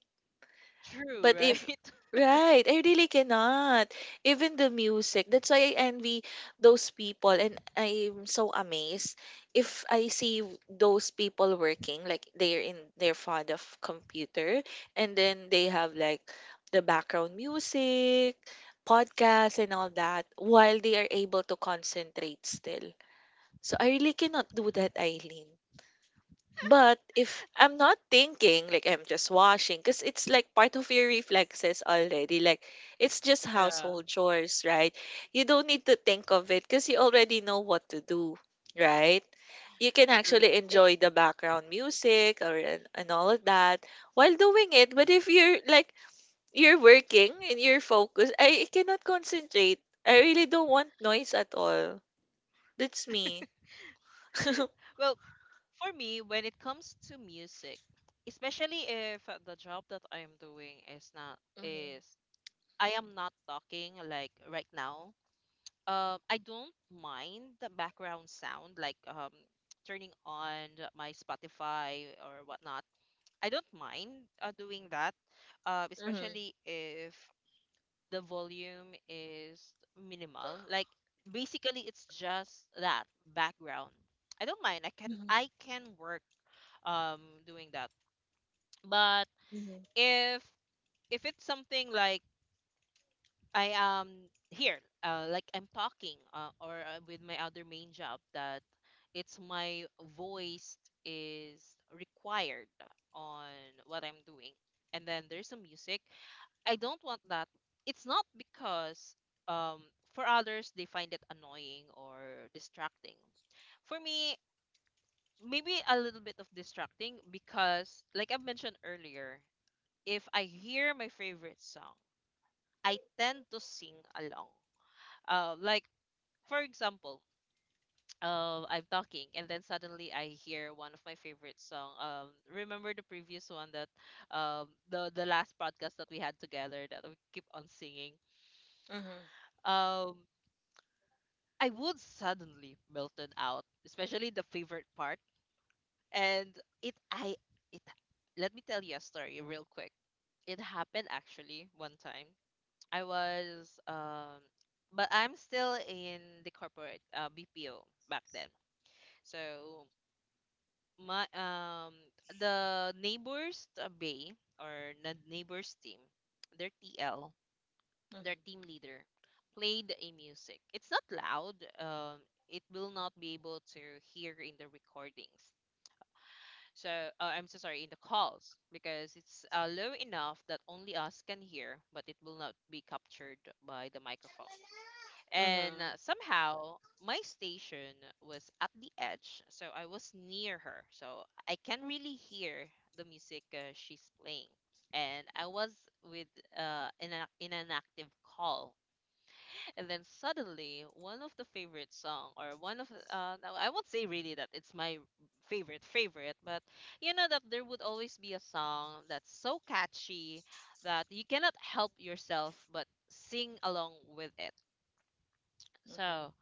Speaker 1: True,
Speaker 2: but if
Speaker 1: right?
Speaker 2: right, I really cannot. Even the music. That's why I envy those people and I'm so amazed if I see those people working like they're in their front of computer and then they have like the background music, podcasts and all that while they are able to concentrate still. So I really cannot do that, Eileen. But if I'm not thinking, like I'm just washing, because it's like part of your reflexes already. Like it's just
Speaker 1: Yeah,
Speaker 2: household chores, right? You don't need to think of it because you already know what to do, right? You can
Speaker 1: true.
Speaker 2: actually enjoy the background music or and all of that while doing it. But if you're like you're working and you're focused, I cannot concentrate. I really don't want noise at all. That's me.
Speaker 1: Well, for me, when it comes to music, especially if the job that I am doing is not
Speaker 2: Mhm,
Speaker 1: is I am not talking like right now. I don't mind the background sound, like turning on my Spotify or whatnot. I don't mind doing that,
Speaker 2: mhm,
Speaker 1: especially if the volume is minimal. Like basically, it's just that background. I don't mind. I can
Speaker 2: mhm,
Speaker 1: I can work doing that, but
Speaker 2: mhm,
Speaker 1: if it's something like I am here, like I'm talking, or with my other main job that it's my voice is required on what I'm doing, and then there's some music, I don't want that. It's not because, um for others they find it annoying or distracting. For me, maybe a little bit of distracting because like I've mentioned earlier, if I hear my favorite song, I tend to sing along. Like for example, I'm talking and then suddenly I hear one of my favorite song. Remember the previous one that the last podcast that we had together that we keep on singing.
Speaker 2: mhm.
Speaker 1: Um, I would suddenly melted out, especially the favorite part. And it I it Let me tell you a story real quick. It happened actually one time I was but I'm still in the corporate BPO back then. So my the neighbors team, their TL, their
Speaker 2: Mhm.
Speaker 1: team leader played a music. It's not loud. It will not be able to hear in the recordings. So I'm so sorry in the calls because it's low enough that only us can hear, but it will not be captured by the microphone. And
Speaker 2: Mhm.
Speaker 1: somehow my station was at the edge, so I was near her. So I can really hear the music she's playing. And I was with in an active call. And then suddenly, one of the favorite song, or one of, no, I won't say really that it's my favorite favorite, but you know that there would always be a song that's so catchy that you cannot help yourself but sing along with it.
Speaker 2: Mhm.
Speaker 1: So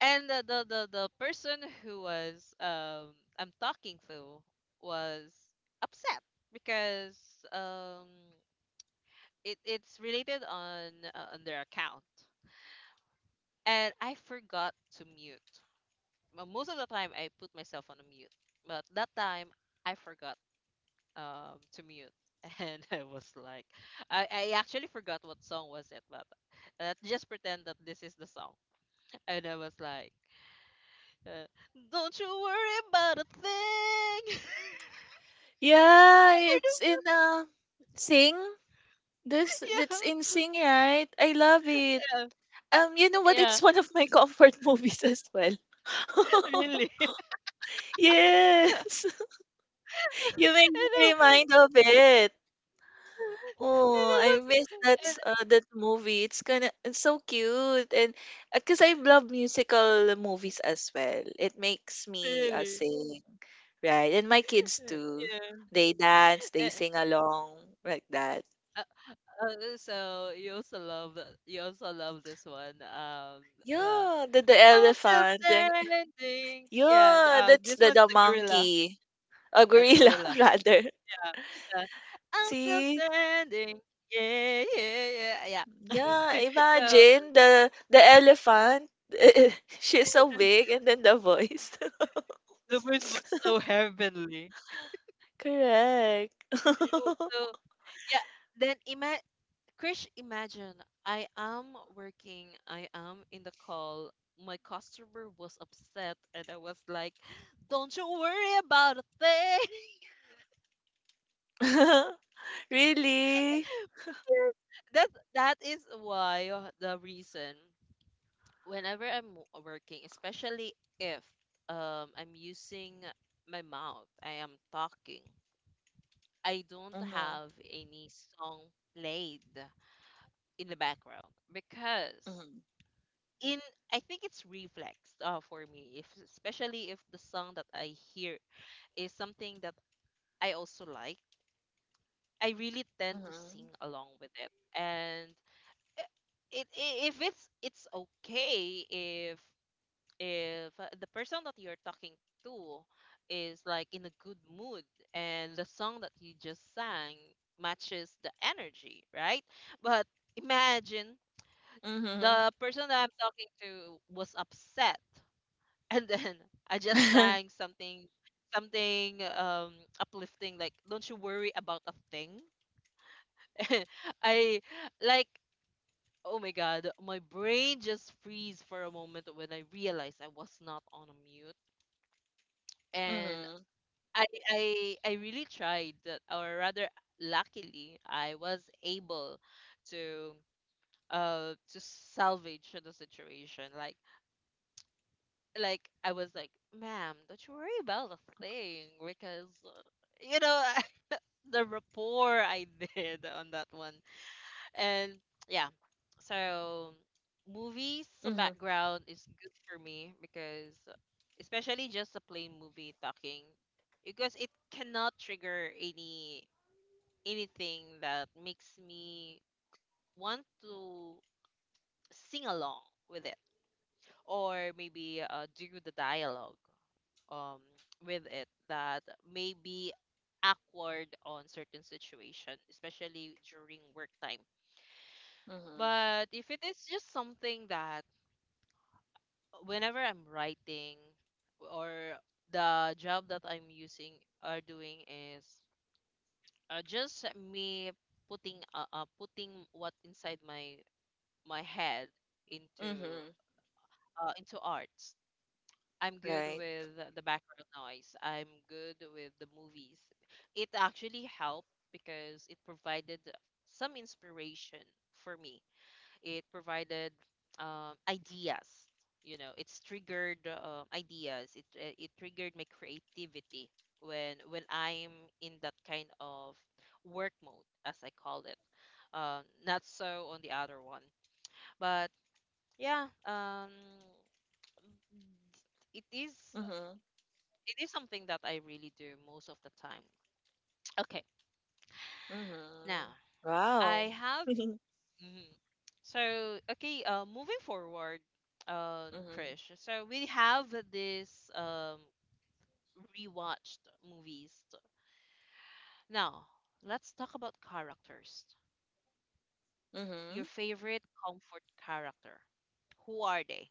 Speaker 1: and the person who was I'm talking to was upset because um it's related on their account and I forgot to mute. Mo- Most of the time I put myself on a mute, but that time I forgot to mute. And I was like, I actually forgot what song was it, but just pretend that this is the song. And I was like, yeah. Don't you worry about a thing.
Speaker 2: Yeah, it's in Sing. This that's in
Speaker 1: Yeah.
Speaker 2: Sing, right? I love it.
Speaker 1: Yeah.
Speaker 2: You know what?
Speaker 1: Yeah.
Speaker 2: It's one of my comfort movies as well.
Speaker 1: Really.
Speaker 2: Yes.
Speaker 1: And
Speaker 2: You made me
Speaker 1: it,
Speaker 2: remind of it.
Speaker 1: and
Speaker 2: Oh,
Speaker 1: it
Speaker 2: I
Speaker 1: was,
Speaker 2: miss that
Speaker 1: and
Speaker 2: that movie. It's so cute, and because I love musical movies as well. It makes me
Speaker 1: really
Speaker 2: sing, right? And my kids too.
Speaker 1: yeah,
Speaker 2: They dance, they
Speaker 1: and,
Speaker 2: sing along like that.
Speaker 1: uh, so you also love the- you also love this one uh,
Speaker 2: Yeah, the
Speaker 1: I'm still
Speaker 2: elephant. And
Speaker 1: standing. Yeah,
Speaker 2: yeah, that's
Speaker 1: this one's
Speaker 2: the
Speaker 1: the gorilla.
Speaker 2: monkey, a
Speaker 1: Yeah, the
Speaker 2: gorilla
Speaker 1: gorilla.
Speaker 2: rather.
Speaker 1: Yeah. I'm still
Speaker 2: See,
Speaker 1: standing. Yeah, yeah, yeah.
Speaker 2: yeah,
Speaker 1: Yeah. So
Speaker 2: imagine the elephant. She's so big, and then the voice.
Speaker 1: the voice was so heavenly.
Speaker 2: Correct.
Speaker 1: So yeah, then ima Krish, imagine I am working, I am in the call. My customer was upset, and I was like, "Don't you worry about a thing."
Speaker 2: Really?
Speaker 1: Yeah. That is why the reason whenever I'm working, especially if I'm using my mouth, I am talking. I don't
Speaker 2: Mhm.
Speaker 1: have any song played in the background. Because
Speaker 2: Mhm.
Speaker 1: in I think it's reflex for me, if especially if the song that I hear is something that I also like, I really tend to sing
Speaker 2: Mhm.
Speaker 1: along with it. And i- if it's it's okay if the person that you're talking to is like in a good mood and the song that you just sang matches the energy, right? But imagine
Speaker 2: Mhm.
Speaker 1: the person that I'm talking to was upset, and then I just sang something uplifting like don't you worry about a thing. I like Oh my god, my brain just freeze for a moment when I realized I was not on a mute. And
Speaker 2: Mhm.
Speaker 1: i really tried that, or rather, luckily I was able to to salvage the situation. I was like, ma'am, don't you worry about the thing because you know the rapport I did on that one. And yeah, so movies
Speaker 2: Mhm.
Speaker 1: background is good for me because especially just a plain movie talking, because it cannot trigger any anything that makes me want to sing along with it, or maybe do the dialogue um with it, that may be awkward on certain situation, especially during work time.
Speaker 2: Mhm. Mhm.
Speaker 1: But if it is just something that whenever I'm writing, or the job that I'm using or doing is just me putting putting what inside my head into
Speaker 2: Mhm.
Speaker 1: into arts, I'm good
Speaker 2: Right.
Speaker 1: with the background noise. I'm good with the movies. It actually helped because it provided some inspiration for me. It provided ideas. You know, it's triggered ideas. It it triggered my creativity when I'm in that kind of work mode, as I call it. Not so on the other one, but yeah. It is.
Speaker 2: Mhm.
Speaker 1: It is something that I really do most of the time. Okay, now
Speaker 2: Mhm.
Speaker 1: I
Speaker 2: Wow.
Speaker 1: have. Mhm. So okay, moving forward,
Speaker 2: Mhm.
Speaker 1: Krish. So we have this rewatched movies. Now let's talk about characters.
Speaker 2: Mhm.
Speaker 1: Your favorite comfort character. Who are they?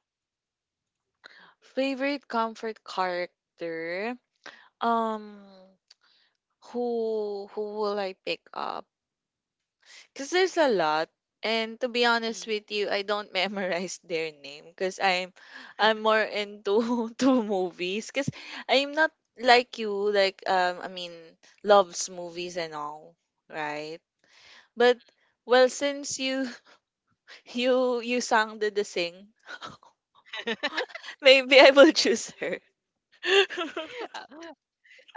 Speaker 2: Favorite comfort character? Um, who will I pick up? Because there's a lot, and to be honest
Speaker 1: Mhm.
Speaker 2: with you, I don't memorize their name because I'm more into to movies. Because I'm not like you, like I mean, loves movies and all, right? But well, since you you sang the sing, maybe I will choose her.
Speaker 1: Um,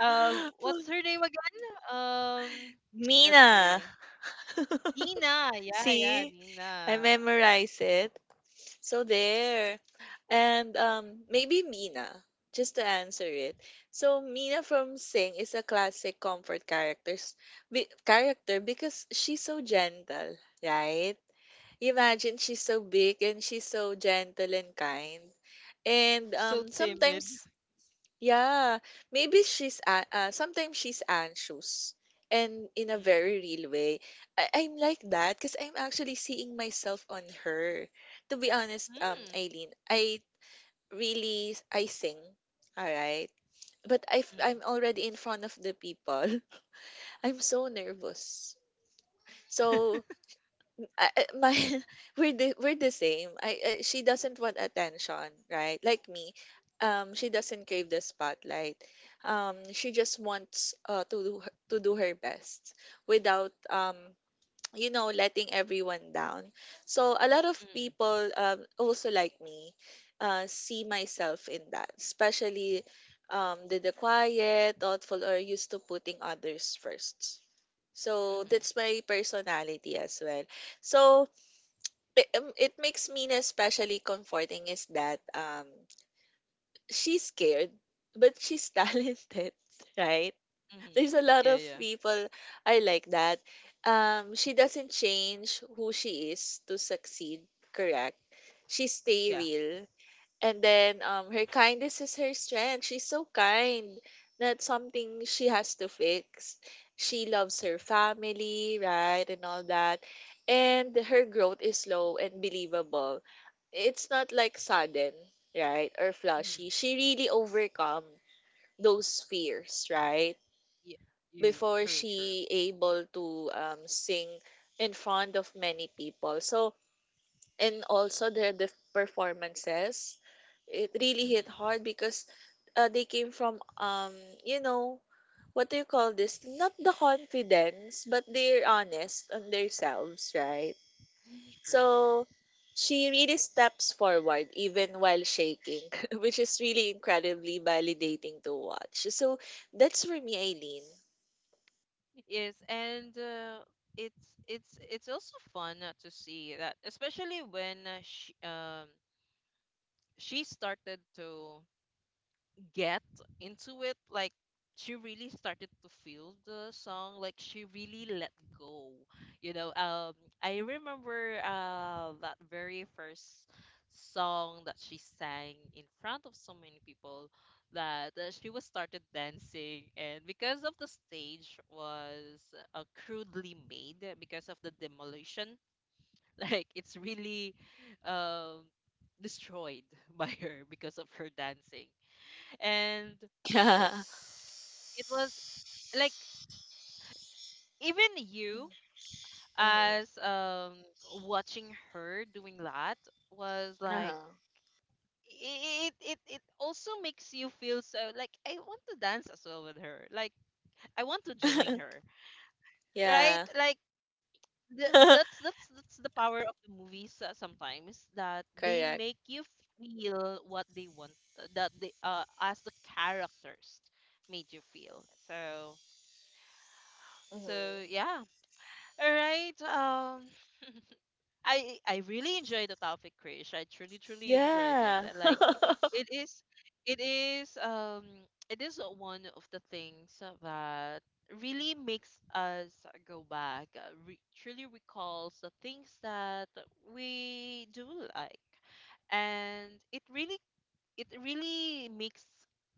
Speaker 1: what's her name again? Let's
Speaker 2: Mina.
Speaker 1: see. Nina. Yeah, yeah,
Speaker 2: See? I
Speaker 1: Nina.
Speaker 2: memorize it. So there. And maybe Mina, just to answer it. So Mina from Sing is a classic comfort character because she's so gentle, right? Imagine she's so big, and she's so gentle and kind. And
Speaker 1: So timid.
Speaker 2: sometimes yeah, maybe she's sometimes she's anxious, and in a
Speaker 1: Mm.
Speaker 2: very real way. I'm like that because I'm actually seeing myself on her. To be honest,
Speaker 1: Mm,
Speaker 2: Eileen, I really I sing, all right, but I
Speaker 1: mm.
Speaker 2: I'm already in front of the people. I'm so nervous. So I my we're the same. I she doesn't want attention, right? Like me, she doesn't crave the spotlight. She just wants to do her best without you know letting everyone down. So a lot of
Speaker 1: Mm,
Speaker 2: people also like me, see myself in that, especially the quiet, thoughtful, or used to putting others first. So
Speaker 1: mhm,
Speaker 2: that's my personality as well. So it makes Mina especially comforting is that she's scared but she's talented, right?
Speaker 1: mhm.
Speaker 2: There's a lot
Speaker 1: Yeah,
Speaker 2: of
Speaker 1: yeah.
Speaker 2: people are like that. Um, she doesn't change who she is to succeed, correct. She stay
Speaker 1: Yeah.
Speaker 2: real, and then her kindness is her strength. She's so kind. That's something she has to fix. She loves her family, right, and all that. And her growth is slow and believable. It's not like sudden, right, or
Speaker 1: Mhm.
Speaker 2: flashy. She really overcome those fears, right,
Speaker 1: Yeah. You
Speaker 2: before
Speaker 1: true.
Speaker 2: she able to sing in front of many people. So and also the performances, it really hit
Speaker 1: Mhm.
Speaker 2: hard because they came from you know what do you call this, not the confidence, but they're honest on themselves, right?
Speaker 1: True.
Speaker 2: So she really steps forward even while shaking, which is really incredibly validating to watch. So that's for me, Eileen.
Speaker 1: Yes, and it's also fun to see that, especially when she started to get into it. Like she really started to feel the song, like she really let go. You know, I remember that very first song that she sang in front of so many people, that she was started dancing, and because of the stage was crudely made because of the demolition. Like it's really um destroyed by her because of her dancing. And
Speaker 2: Yeah.
Speaker 1: it was like, even you
Speaker 2: Mhm. Mhm.
Speaker 1: as watching her doing that was like,
Speaker 2: Uh-huh.
Speaker 1: it it also makes you feel so like I want to dance as well with her. Like I want to join her, right?
Speaker 2: Yeah.
Speaker 1: Like that's the power of the movies, sometimes that they
Speaker 2: Correct.
Speaker 1: make you feel what they want, that they as the characters made you feel. So
Speaker 2: Mhm.
Speaker 1: so yeah. All right. Um, I really enjoyed the topic, Krish. I truly truly enjoyed it.
Speaker 2: Yeah.
Speaker 1: Like it is, it is it is one of the things that really makes us go back, truly recalls the things that we do like, and it really, it really makes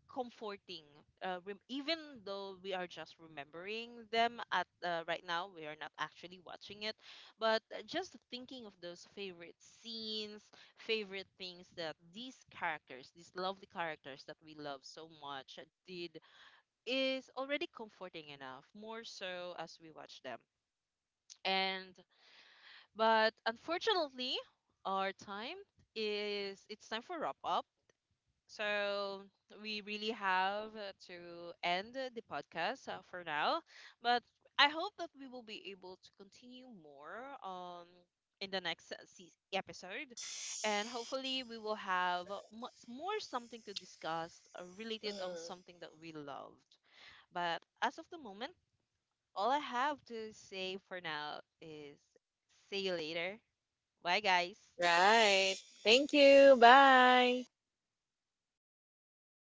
Speaker 1: comforting, even though we are just remembering them at right now, we are not actually watching it, but just thinking of those favorite scenes, favorite things that these characters, these lovely characters that we love so much did, is already comforting enough, more so as we watch them. And but unfortunately, our time is, it's time for wrap up. So we really have to end the podcast for now, but I hope that we will be able to continue more in the next episode, and hopefully we will have much more something to discuss related on
Speaker 2: Mhm.
Speaker 1: something that we loved. But as of the moment, all I have to say for now is see you later. Bye, guys.
Speaker 2: Right. Thank you. Bye.